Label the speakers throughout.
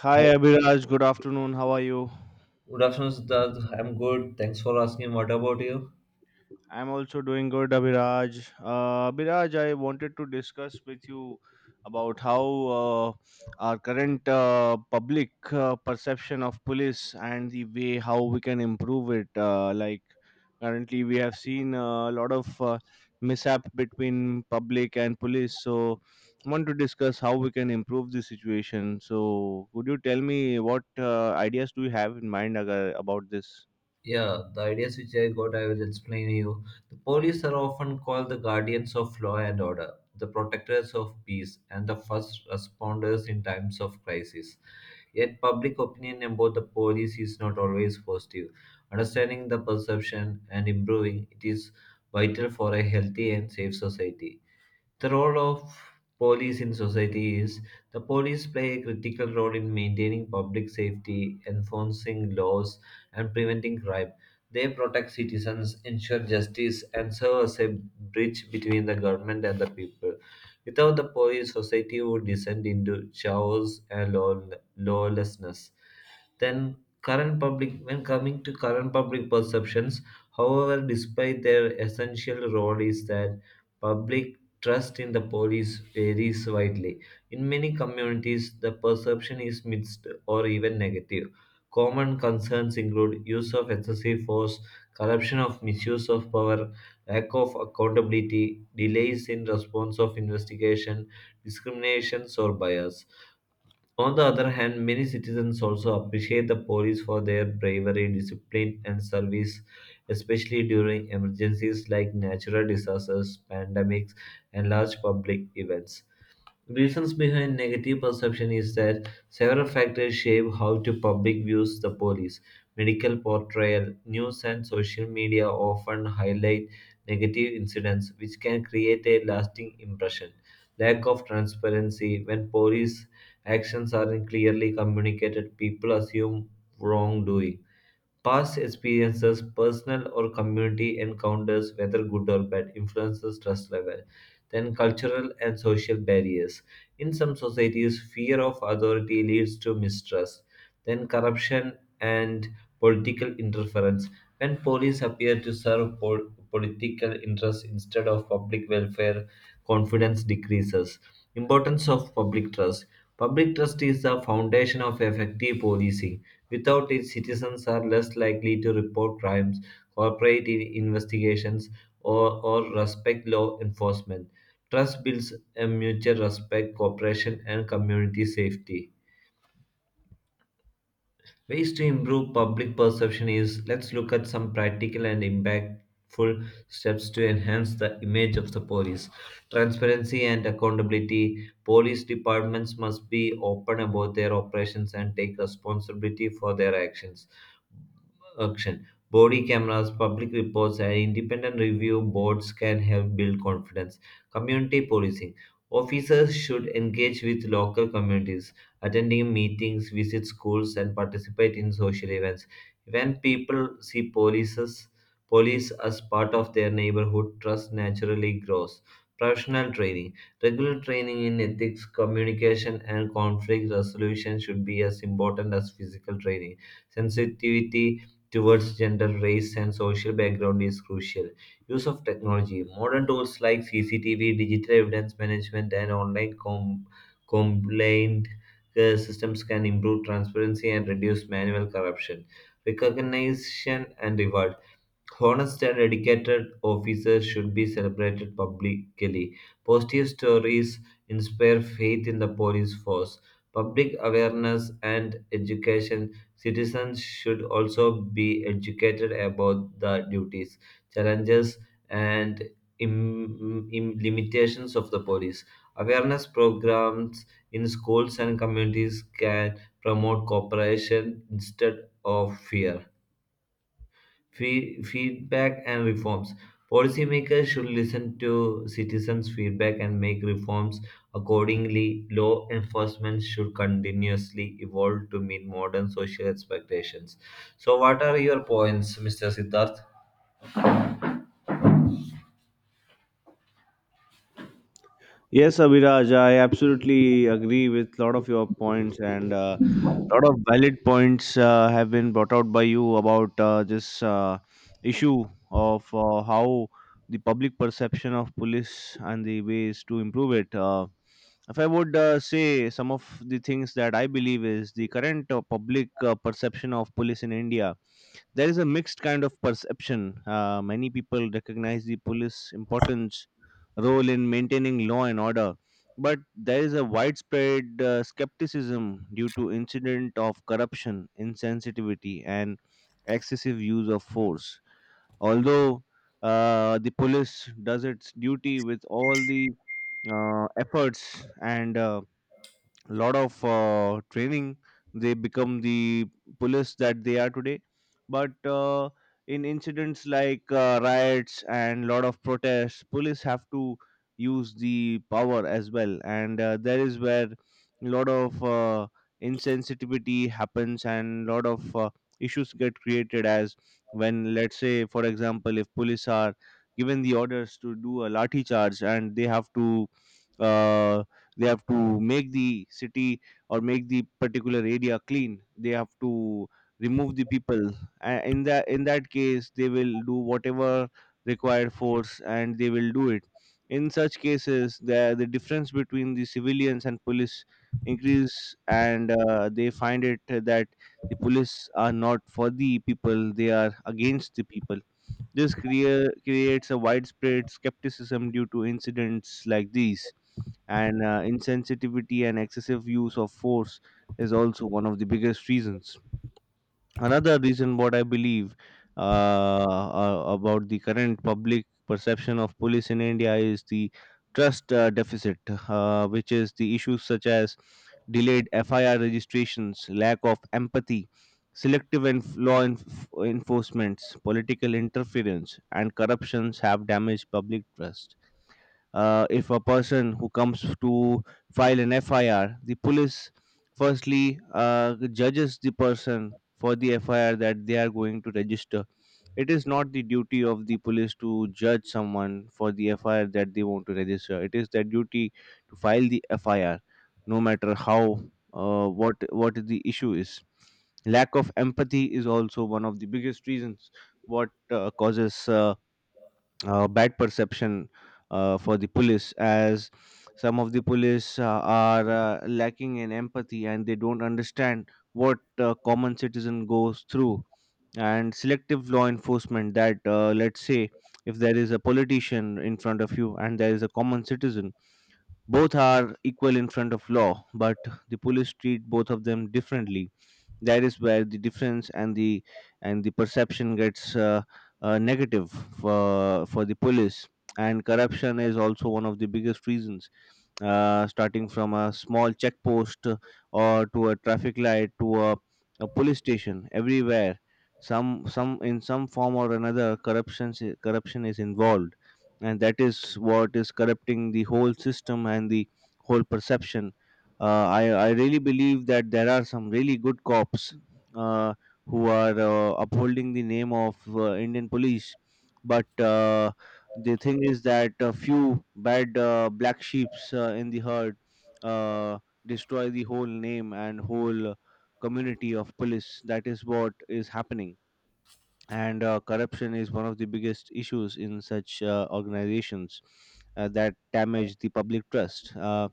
Speaker 1: Hi
Speaker 2: Hi.
Speaker 1: Abhiraj, good afternoon. How are you?
Speaker 2: Good afternoon, Siddharth. I'm good. Thanks for asking. What about you?
Speaker 1: I'm also doing good, Abhiraj. Abhiraj, I wanted to discuss with you about how uh, our current public perception of police and the way how we can improve it. Like currently, we have seen a lot of mishap between public and police. So, I want to discuss how we can improve the situation. So, could you tell me what ideas do you have in mind about this?
Speaker 2: Yeah, the ideas which I got, I will explain to you. The police are often called the guardians of law and order, the protectors of peace, and the first responders in times of crisis. Yet, public opinion about the police is not always positive. Understanding the perception and improving it is vital for a healthy and safe society. The role of police in society: is the police play a critical role in maintaining public safety, enforcing laws, and preventing crime. They protect citizens, ensure justice, and serve as a bridge between the government and the people. Without the police, society would descend into chaos and lawlessness. Then, current public, when coming to current public perceptions, however, despite their essential role, is that public trust in the police varies widely. In many communities, the perception is mixed or even negative. Common concerns include use of excessive force, corruption of misuse of power, lack of accountability, delays in response of investigation, discriminations or bias. On the other hand, many citizens also appreciate the police for their bravery, discipline, and service, especially during emergencies like natural disasters, pandemics, and large public events. Reasons behind negative perception is that several factors shape how to public views the police. Medical portrayal, news and social media often highlight negative incidents which can create a lasting impression. Lack of transparency: when police actions aren't clearly communicated, people assume wrongdoing. Past experiences, personal or community encounters, whether good or bad, influences trust level. Then cultural and social barriers. In some societies, fear of authority leads to mistrust. Then corruption and political interference. When police appear to serve political interests instead of public welfare, confidence decreases. Importance of public trust. Public trust is the foundation of effective policing. Without it, citizens are less likely to report crimes, cooperate in investigations, or respect law enforcement. Trust builds a mutual respect, cooperation, and community safety. Ways to improve public perception: is let's look at some practical and impactful steps to enhance the image of the police. Transparency and accountability. Police departments must be open about their operations and take responsibility for their actions. Action. Body cameras, public reports, and independent review boards can help build confidence. Community policing. Officers should engage with local communities, attending meetings, visit schools, and participate in social events. When people see polices, police as part of their neighborhood, trust naturally grows. Professional training. Regular training in ethics, communication, and conflict resolution should be as important as physical training. Sensitivity towards gender, race, and social background is crucial. Use of technology. Modern tools like CCTV, digital evidence management, and online complaint systems can improve transparency and reduce manual corruption. Recognition and rewards. Honest and dedicated officers should be celebrated publicly. Positive stories inspire faith in the police force. Public awareness and education. Citizens should also be educated about the duties, challenges, and limitations of the police. Awareness programs in schools and communities can promote cooperation instead of fear. Feedback and reforms. Policymakers should listen to citizens' feedback and make reforms accordingly. Law enforcement should continuously evolve to meet modern social expectations. So, what are your points, Mr. Siddharth?
Speaker 1: Yes, Abhiraj, I absolutely agree with a lot of your points, and a lot of valid points have been brought out by you about this issue of how the public perception of police and the ways to improve it. If I would say some of the things that I believe is the current public perception of police in India, there is a mixed kind of perception. Many people recognize the police importance role in maintaining law and order, but there is a widespread skepticism due to incident of corruption, insensitivity, and excessive use of force. Although the police does its duty with all the efforts and lot of training, they become the police that they are today, but in incidents like riots and lot of protests, police have to use the power as well, and there is where a lot of insensitivity happens and lot of issues get created as when, let's say, for example, if police are given the orders to do a lathi charge and uh, they have to make the city or make the particular area clean, they have to remove the people. In that case, they will do whatever required force and they will do it. In such cases, the difference between the civilians and police increase, and they find it that the police are not for the people, they are against the people. This creates a widespread skepticism due to incidents like these, and insensitivity and excessive use of force is also one of the biggest reasons. Another reason, what I believe about the current public perception of police in India is the trust deficit, which is the issues such as delayed FIR registrations, lack of empathy, selective enf- law enf- enforcements, political interference, and corruptions have damaged public trust. If a person who comes to file an FIR, the police firstly judges the person for the FIR that they are going to register. It is not the duty of the police to judge someone for the FIR that they want to register. It is their duty to file the FIR, no matter how what the issue is. Lack of empathy is also one of the biggest reasons what causes bad perception for the police, as some of the police are lacking in empathy and they don't understand what common citizen goes through. And selective law enforcement, that let's say if there is a politician in front of you and there is a common citizen, both are equal in front of law, but the police treat both of them differently. That is where the difference and the perception gets negative for the police. And corruption is also one of the biggest reasons, starting from a small check post or to a traffic light to a police station, everywhere some in some form or another, corruption is involved, and that is what is corrupting the whole system and the whole perception. I really believe that there are some really good cops uh, who are upholding the name of Indian police, but the thing is that a few bad black sheeps in the herd uh, destroy the whole name and whole community of police. That is what is happening, and corruption is one of the biggest issues in such organizations that damage the public trust. Uh,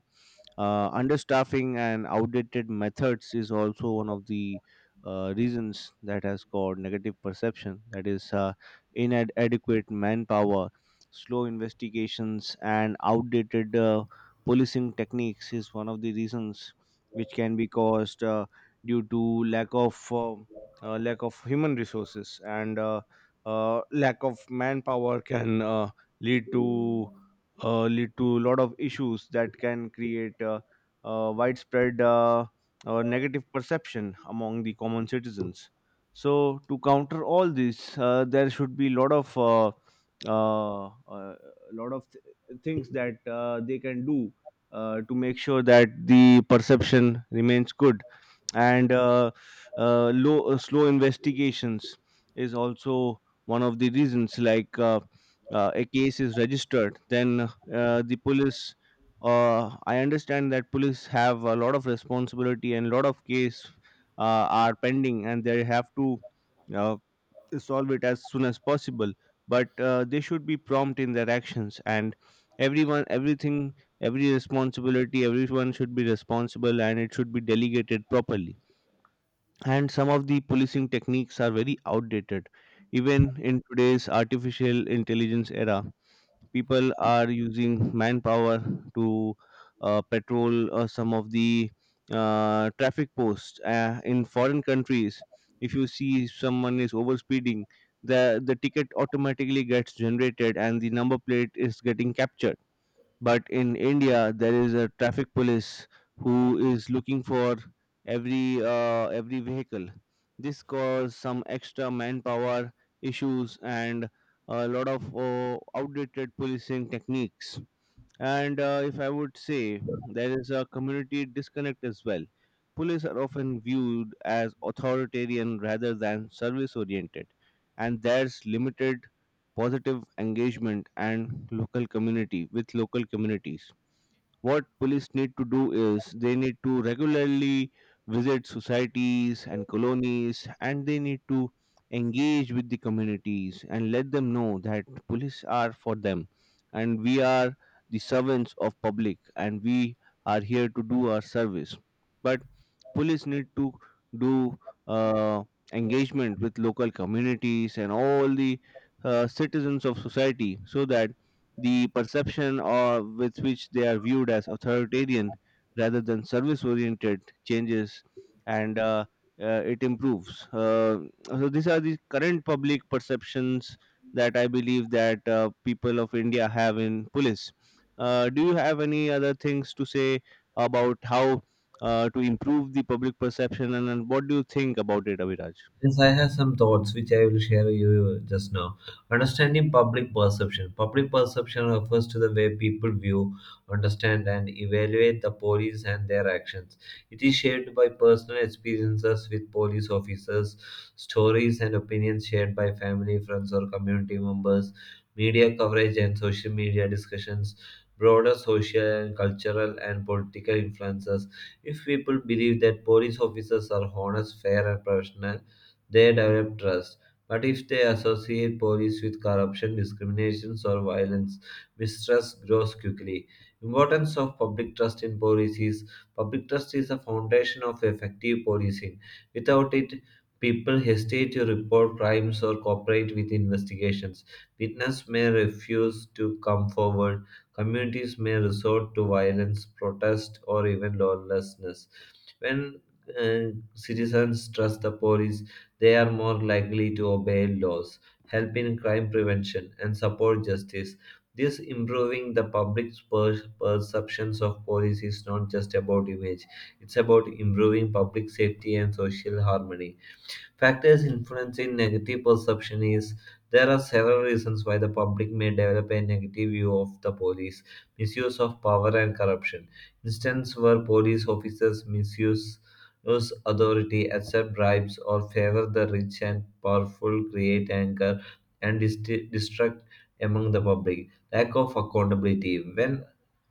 Speaker 1: uh, Understaffing and outdated methods is also one of the reasons that has caused negative perception. That is, inadequate manpower, slow investigations, and outdated policing techniques is one of the reasons which can be caused due to lack of lack of human resources and lack of manpower can lead to lead to a lot of issues that can create widespread negative perception among the common citizens. So to counter all this, there should be a lot uh, uh, of things that they can do to make sure that the perception remains good, and low, slow investigations is also one of the reasons. Like a case is registered, then the police, I understand that police have a lot of responsibility and a lot of case are pending, and they have to uh, solve it as soon as possible, but they should be prompt in their actions, and everyone everything every responsibility everyone should be responsible and it should be delegated properly. And some of the policing techniques are very outdated. Even in today's artificial intelligence era, people are using manpower to patrol some of the traffic posts in foreign countries. If you see someone is overspeeding, the ticket automatically gets generated and the number plate is getting captured. But in India, there is a traffic police who is looking for every every vehicle. This causes some extra manpower issues and a lot of outdated policing techniques. And if I would say, there is a community disconnect as well. Police are often viewed as authoritarian rather than service oriented, and there's limited positive engagement and local community with local communities. What police need to do is they need to regularly visit societies and colonies, and they need to engage with the communities and let them know that police are for them and we are the servants of public and we are here to do our service. But police need to do uh, engagement with local communities and all the citizens of society so that the perception or with which they are viewed as authoritarian rather than service oriented changes, and it improves. So these are the current public perceptions that I believe that people of India have in police. Do you have any other things to say about how to improve the public perception, and what do you think about it, Abhiraj?
Speaker 2: Yes, I have some thoughts which I will share with you just now. Understanding public perception. Public perception refers to the way people view, understand, and evaluate the police and their actions. It is shaped by personal experiences with police officers, stories and opinions shared by family, friends, or community members, media coverage and social media discussions, broader social and cultural and political influences. If people believe that police officers are honest, fair, and professional, they develop trust. But if they associate police with corruption, discriminations, or violence, mistrust grows quickly. Importance of public trust in police: is public trust is the foundation of effective policing. Without it, people hesitate to report crimes or cooperate with investigations. Witnesses may refuse to come forward. Communities may resort to violence, protest, or even lawlessness. When uh, citizens trust the police, they are more likely to obey laws, help in crime prevention, and support justice. This improving the public's perceptions of police is not just about image, it's about improving public safety and social harmony. Factors influencing negative perception: is there are several reasons why the public may develop a negative view of the police. Misuse of power and corruption. Instances where police officers misuse use authority, accept bribes, or favor the rich and powerful create anger and distrust among the public. Lack of accountability. When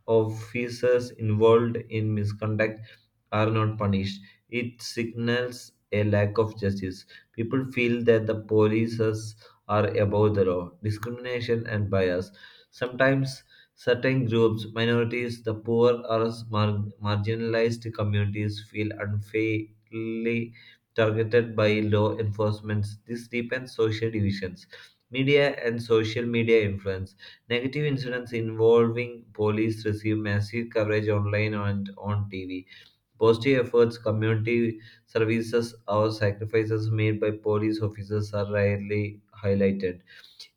Speaker 2: officers involved in misconduct are not punished, it signals a lack of justice. People feel that the polices are above the law. Discrimination and bias. Sometimes certain groups, minorities, the poor, or marginalized communities feel unfairly targeted by law enforcement. This deepens social divisions. Media and social media influence. Negative incidents involving police receive massive coverage online and on TV. Positive efforts, community services, or sacrifices made by police officers are rarely highlighted.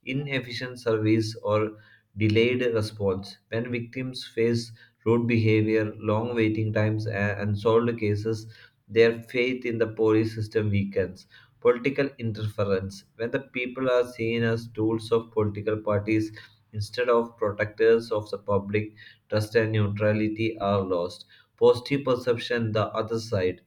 Speaker 2: Inefficient service, or delayed response. When victims face rude behavior, long waiting times, and unsolved cases, their faith in the police system weakens. Political interference. When the people are seen as tools of political parties instead of protectors of the public, trust and neutrality are lost. Positive perception, the other side.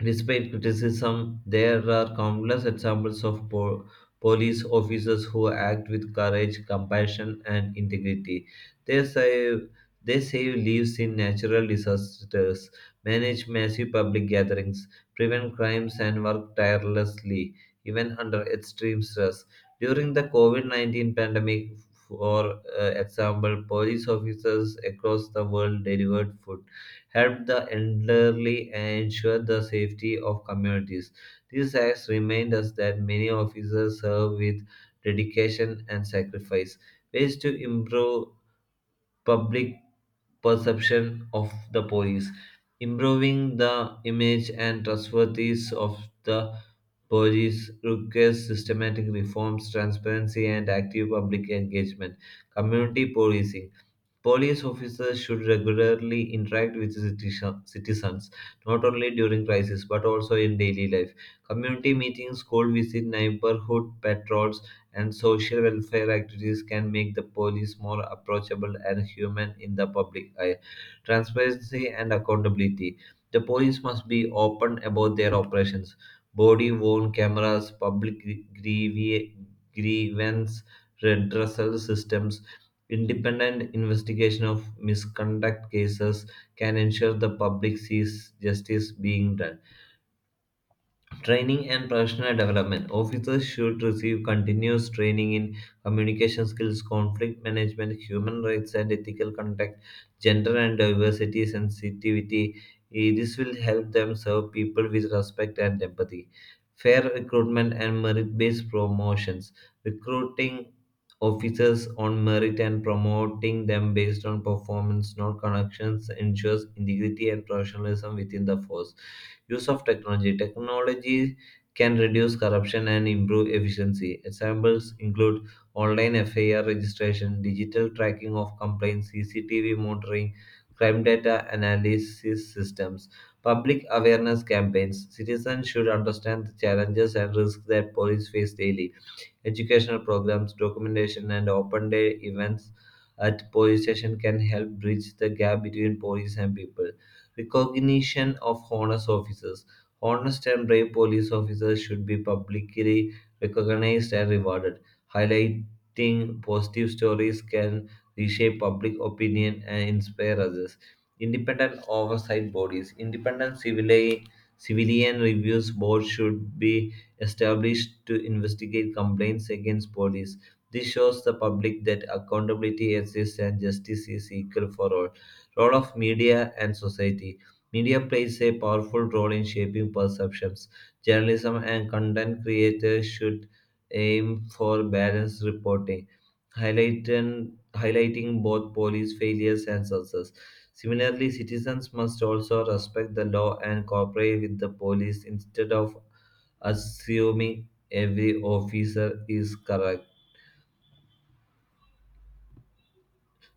Speaker 2: Despite criticism, there are countless examples of police officers who act with courage, compassion, and integrity. They save, they save lives in natural disasters, manage massive public gatherings, prevent crimes, and work tirelessly, even under extreme stress. During the COVID 19 pandemic, for example, police officers across the world delivered food, help the elderly, and ensure the safety of communities. These acts remind us that many officers serve with dedication and sacrifice. Ways to improve public perception of the police. Improving the image and trustworthiness of the police requires systematic reforms, transparency, and active public engagement. Community policing. Police officers should regularly interact with citizens, not only during crisis but also in daily life. Community meetings, school visits, neighborhood patrols, and social welfare activities can make the police more approachable and human in the public eye. Transparency and accountability. The police must be open about their operations. Body worn cameras, public grie- grievance redressal systems, independent investigation of misconduct cases can ensure the public sees justice being done. Training and professional development. Officers should receive continuous training in communication skills, conflict management, human rights and ethical conduct, gender and diversity sensitivity. This will help them serve people with respect and empathy. Fair recruitment and merit based promotions. Recruiting officers on merit and promoting them based on performance, not connections, ensures integrity and professionalism within the force. Use of technology. Technology can reduce corruption and improve efficiency. Examples include online FIR registration, digital tracking of complaints, CCTV monitoring, crime data analysis systems, public awareness campaigns. Citizens should understand the challenges and risks that police face daily. Educational programs, documentation, and open day events at police station can help bridge the gap between police and people. Recognition of honest officers. Honest and brave police officers should be publicly recognized and rewarded. Highlighting positive stories can reshape public opinion and inspire others. Independent oversight bodies. Independent civilian reviews board should be established to investigate complaints against police. This shows the public that accountability exists and justice is equal for all. Role of media and society. Media plays a powerful role in shaping perceptions. Journalism and content creators should aim for balanced reporting, highlighting both police failures and success. Similarly, citizens must also respect the law and cooperate with the police instead of assuming every officer is correct.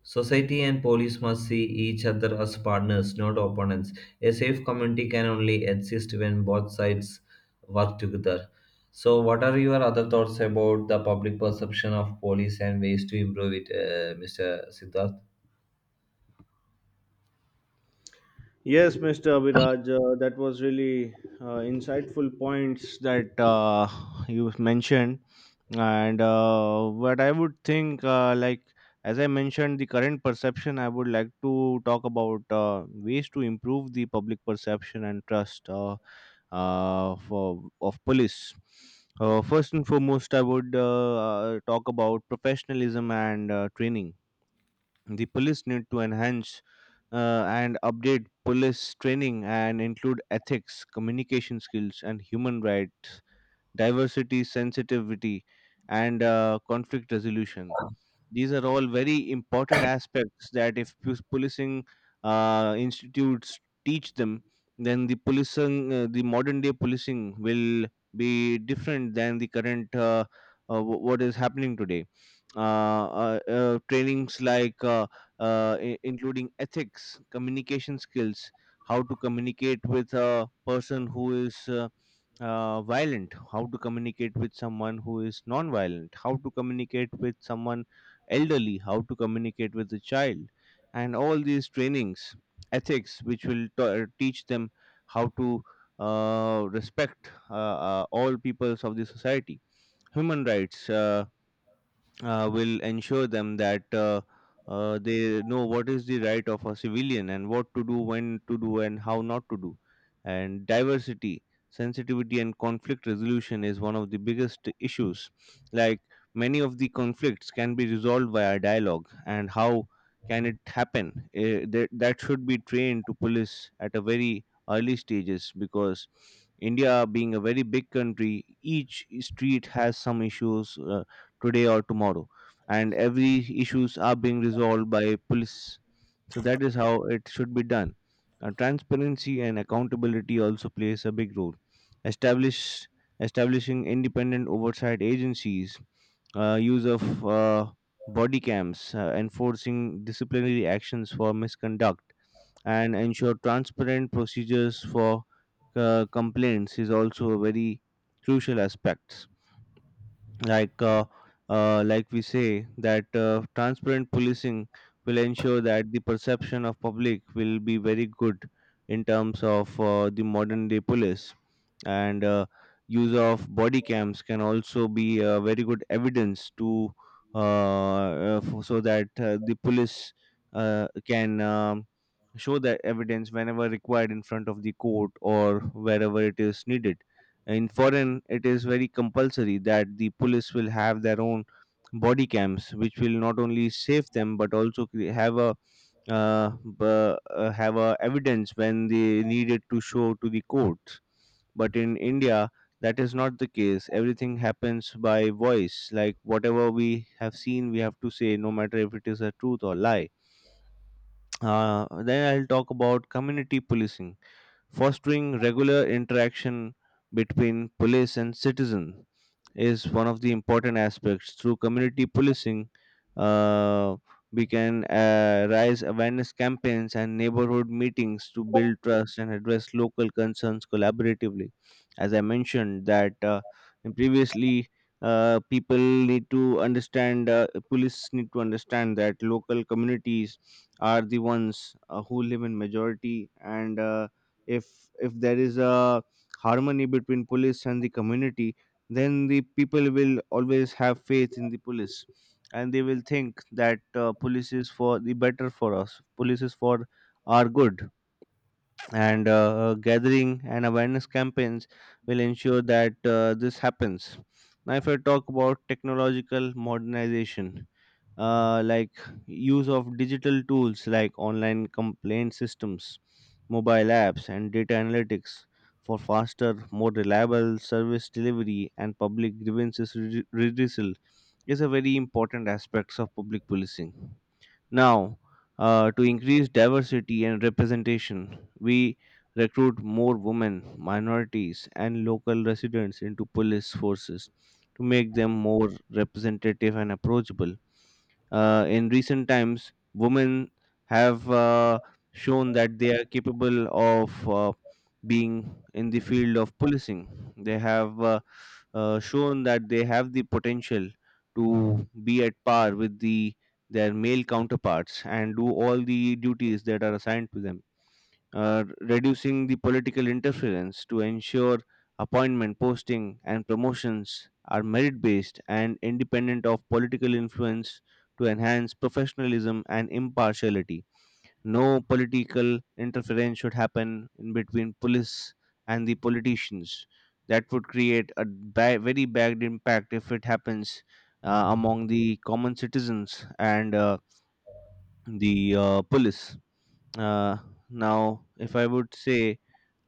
Speaker 2: Society and police must see each other as partners, not opponents. A safe community can only exist when both sides work together. So, what are your other thoughts about the public perception of police and ways to improve it, Mr. Siddharth?
Speaker 1: Yes, Mr. Abhiraj, that was really insightful points that you mentioned. And what I would think, like as I mentioned, the current perception, I would like to talk about ways to improve the public perception and trust of police. First and foremost, I would talk about professionalism and training. The police need to enhance and update police training and include ethics, communication skills, and human rights, diversity, sensitivity, and conflict resolution. These are all very important aspects that if policing institutes teach them, then the policing, the modern day policing will be different than the current what is happening today. Trainings like including ethics, communication skills, how to communicate with a person who is violent, how to communicate with someone who is non-violent, how to communicate with someone elderly, how to communicate with the child, and all these trainings, ethics, which will teach them how to respect all peoples of the society, human rights. Will ensure them that they know what is the right of a civilian and what to do, when to do, and how not to do. And diversity, sensitivity, and conflict resolution is one of the biggest issues. Like many of the conflicts can be resolved via dialogue, and how can it happen? That should be trained to police at a very early stages because India being a very big country, each street has some issues. Today or tomorrow and every issues are being resolved by police, so that is how it should be done. Transparency and accountability also plays a big role. establish Establishing independent oversight agencies, use of uh, body cams, enforcing disciplinary actions for misconduct, and ensure transparent procedures for complaints is also a very crucial aspect. like uh, like we say that transparent policing will ensure that the perception of public will be very good in terms of the modern day police. And Use of body cams can also be a very good evidence to so that the police can show that evidence whenever required in front of the court or wherever it is needed. In foreign it is very compulsory that the police will have their own body cams, which will not only save them but also have a uh, have a evidence when they needed to show to the courts. But in India that is not the case. Everything happens by voice, like whatever we have seen we have to say, no matter if it is a truth or lie. Then I'll talk about community policing. Fostering regular interaction between police and citizen is one of the important aspects. Through community policing, uh, we can raise awareness campaigns and neighborhood meetings to build trust and address local concerns collaboratively. As I mentioned, that previously, people need to understand, police need to understand that local communities are the ones who live in majority, and if there is a harmony between police and the community, then the people will always have faith in the police, and they will think that police is for the better for us, police is for our good. And Gathering and awareness campaigns will ensure that this happens. Now, if I talk about technological modernization, like use of digital tools like online complaint systems, mobile apps, and data analytics for faster, more reliable service delivery and public grievances redressal is a very important aspect of public policing. Now, to increase diversity and representation, we recruit more women, minorities, and local residents into police forces to make them more representative and approachable. In recent times, women have shown that they are capable of being in the field of policing. They have shown that they have the potential to be at par with the their male counterparts and do all the duties that are assigned to them. Reducing the political interference to ensure appointment posting and promotions are merit based and independent of political influence to enhance professionalism and impartiality, no political interference should happen in between police and the politicians. That would create a very bad impact if it happens among the common citizens and the police. uh, Now, if I would say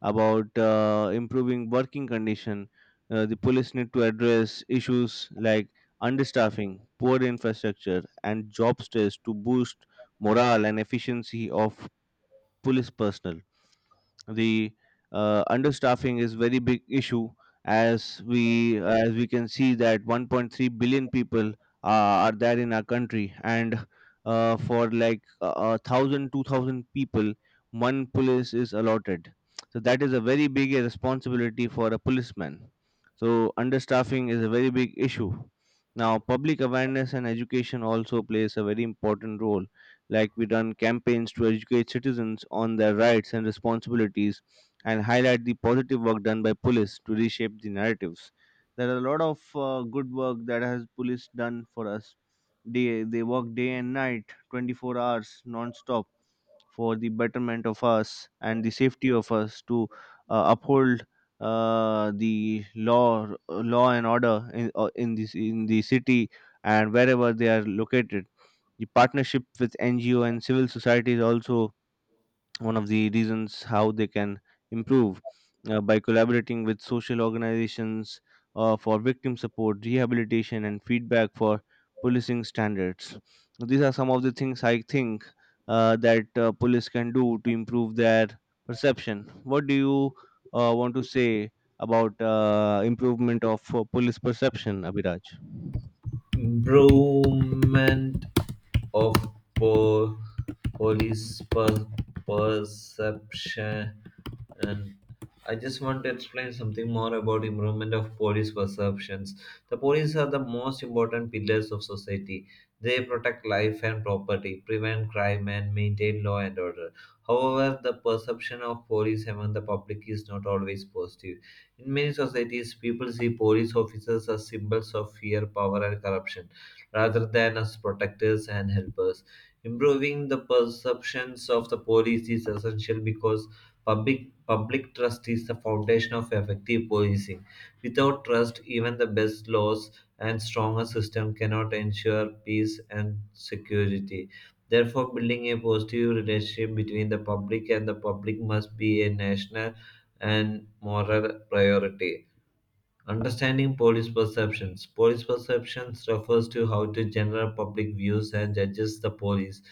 Speaker 1: about improving working condition. The police need to address issues like understaffing, poor infrastructure, and job stress to boost morale and efficiency of police personnel. The Understaffing is very big issue, as we can see that 1.3 billion people are there in our country, and for like a thousand two thousand people, one police is allotted. So that is a very big responsibility for a policeman. So understaffing is a very big issue. Now public awareness and education also plays a very important role, like we run campaigns to educate citizens on their rights and responsibilities and highlight the positive work done by police to reshape the narratives. There are a lot of good work that has police done for us. They work day and night, 24 hours non-stop, for the betterment of us and the safety of us to uphold the law and order in this in the city and wherever they are located. The partnership with NGO and civil society is also one of the reasons how they can improve, by collaborating with social organizations for victim support, rehabilitation, and feedback for policing standards. These are some of the things I think that police can do to improve their perception. What do you want to say about improvement of police perception, Abhiraj?
Speaker 2: Improvement of po- police perception. And I just want to explain something more about improvement of police perceptions. The police are the most important pillars of society. They protect life and property, prevent crime and maintain law and order. However, the perception of police among the public is not always positive. In many societies, people see police officers as symbols of fear, power, and corruption, rather than as protectors and helpers. Improving the perceptions of the police is essential because public trust is the foundation of effective policing. Without trust, even the best laws and strongest system cannot ensure peace and security. Therefore, building a positive relationship between the public and the public must be a national and moral priority. Understanding police perceptions. Police perceptions refers to how the general public views and judges the police,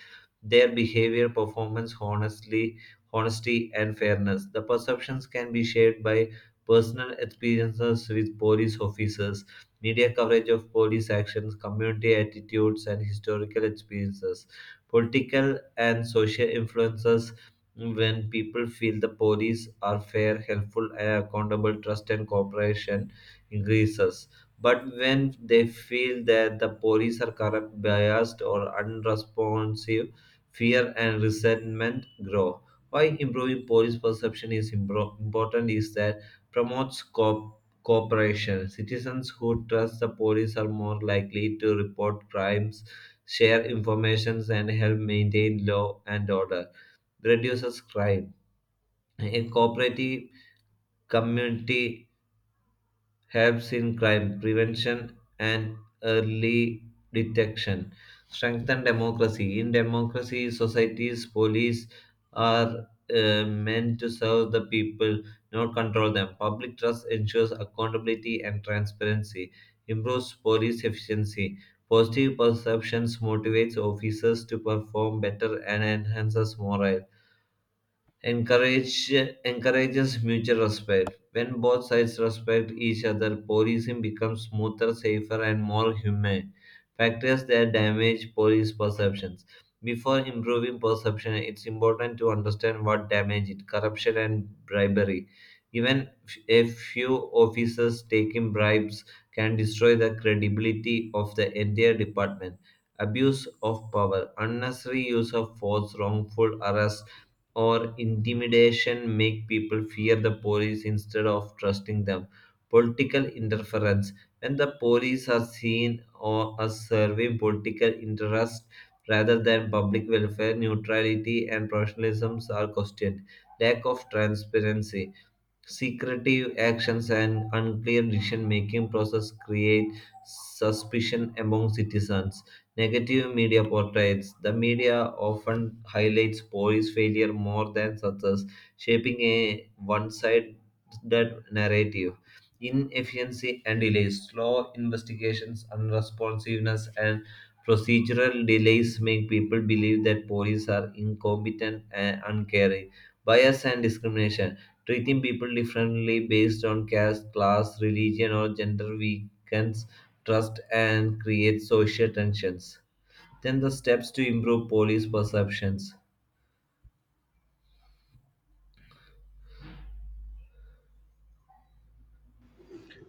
Speaker 2: their behavior, performance, honesty, and fairness. The perceptions can be shaped by personal experiences with police officers, media coverage of police actions, community attitudes, and historical experiences, political and social influences. When people feel the police are fair, helpful, and accountable, trust and cooperation increases. But when they feel that the police are corrupt, biased, or unresponsive, fear and resentment grow. Why improving police perception is important is that promotes cooperation. Citizens who trust the police are more likely to report crimes, share information, and help maintain law and order. Reduces crime. A cooperative community helps in crime prevention and early detection. Strengthen democracy. In democracy, societies, police are meant to serve the people, not control them. Public trust ensures accountability and transparency, improves police efficiency. Positive perceptions motivates officers to perform better and enhances morale. encourage Encourages mutual respect. When both sides respect each other, policing becomes smoother, safer, and more humane. Factors that damage police perceptions. Before improving perception, it's important to understand what damage it. Corruption and bribery. Even a few officers taking bribes can destroy the credibility of the entire department. Abuse of power, unnecessary use of force, wrongful arrest, or intimidation make people fear the police instead of trusting them. Political interference. When the police are seen or as serving political interest rather than public welfare, neutrality and professionalism are questioned. Lack of transparency. Secretive actions and unclear decision making process create suspicion among citizens. Negative media portraits. The media often highlights police failure more than success, shaping a one sided narrative. Inefficiency and delays. Slow investigations, unresponsiveness, and procedural delays make people believe that police are incompetent and uncaring. Bias and discrimination. Treating people differently based on caste, class, religion, or gender weakens trust and creates social tensions. Then the steps to improve police perceptions.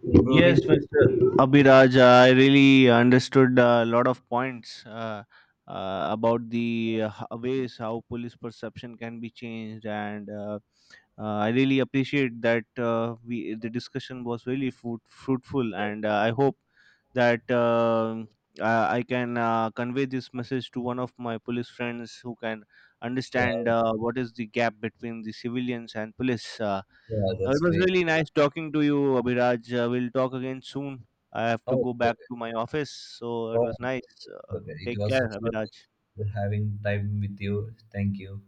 Speaker 2: Improving.
Speaker 1: Yes, Mr. Abhiraj, I really understood a lot of points about the ways how police perception can be changed, and I really appreciate that we the discussion was really fruitful, and I hope that I can convey this message to one of my police friends who can understand
Speaker 2: Yeah,
Speaker 1: what is the gap between the civilians and police.
Speaker 2: yeah,
Speaker 1: It
Speaker 2: that's
Speaker 1: was
Speaker 2: great.
Speaker 1: really nice talking to you, Abhiraj. We'll talk again soon. I have to
Speaker 2: Oh,
Speaker 1: go back
Speaker 2: okay.
Speaker 1: to my office, so it
Speaker 2: Oh,
Speaker 1: was nice.
Speaker 2: okay. It
Speaker 1: Take
Speaker 2: was so
Speaker 1: care,
Speaker 2: fun
Speaker 1: Abhiraj.
Speaker 2: having time with you. Thank you.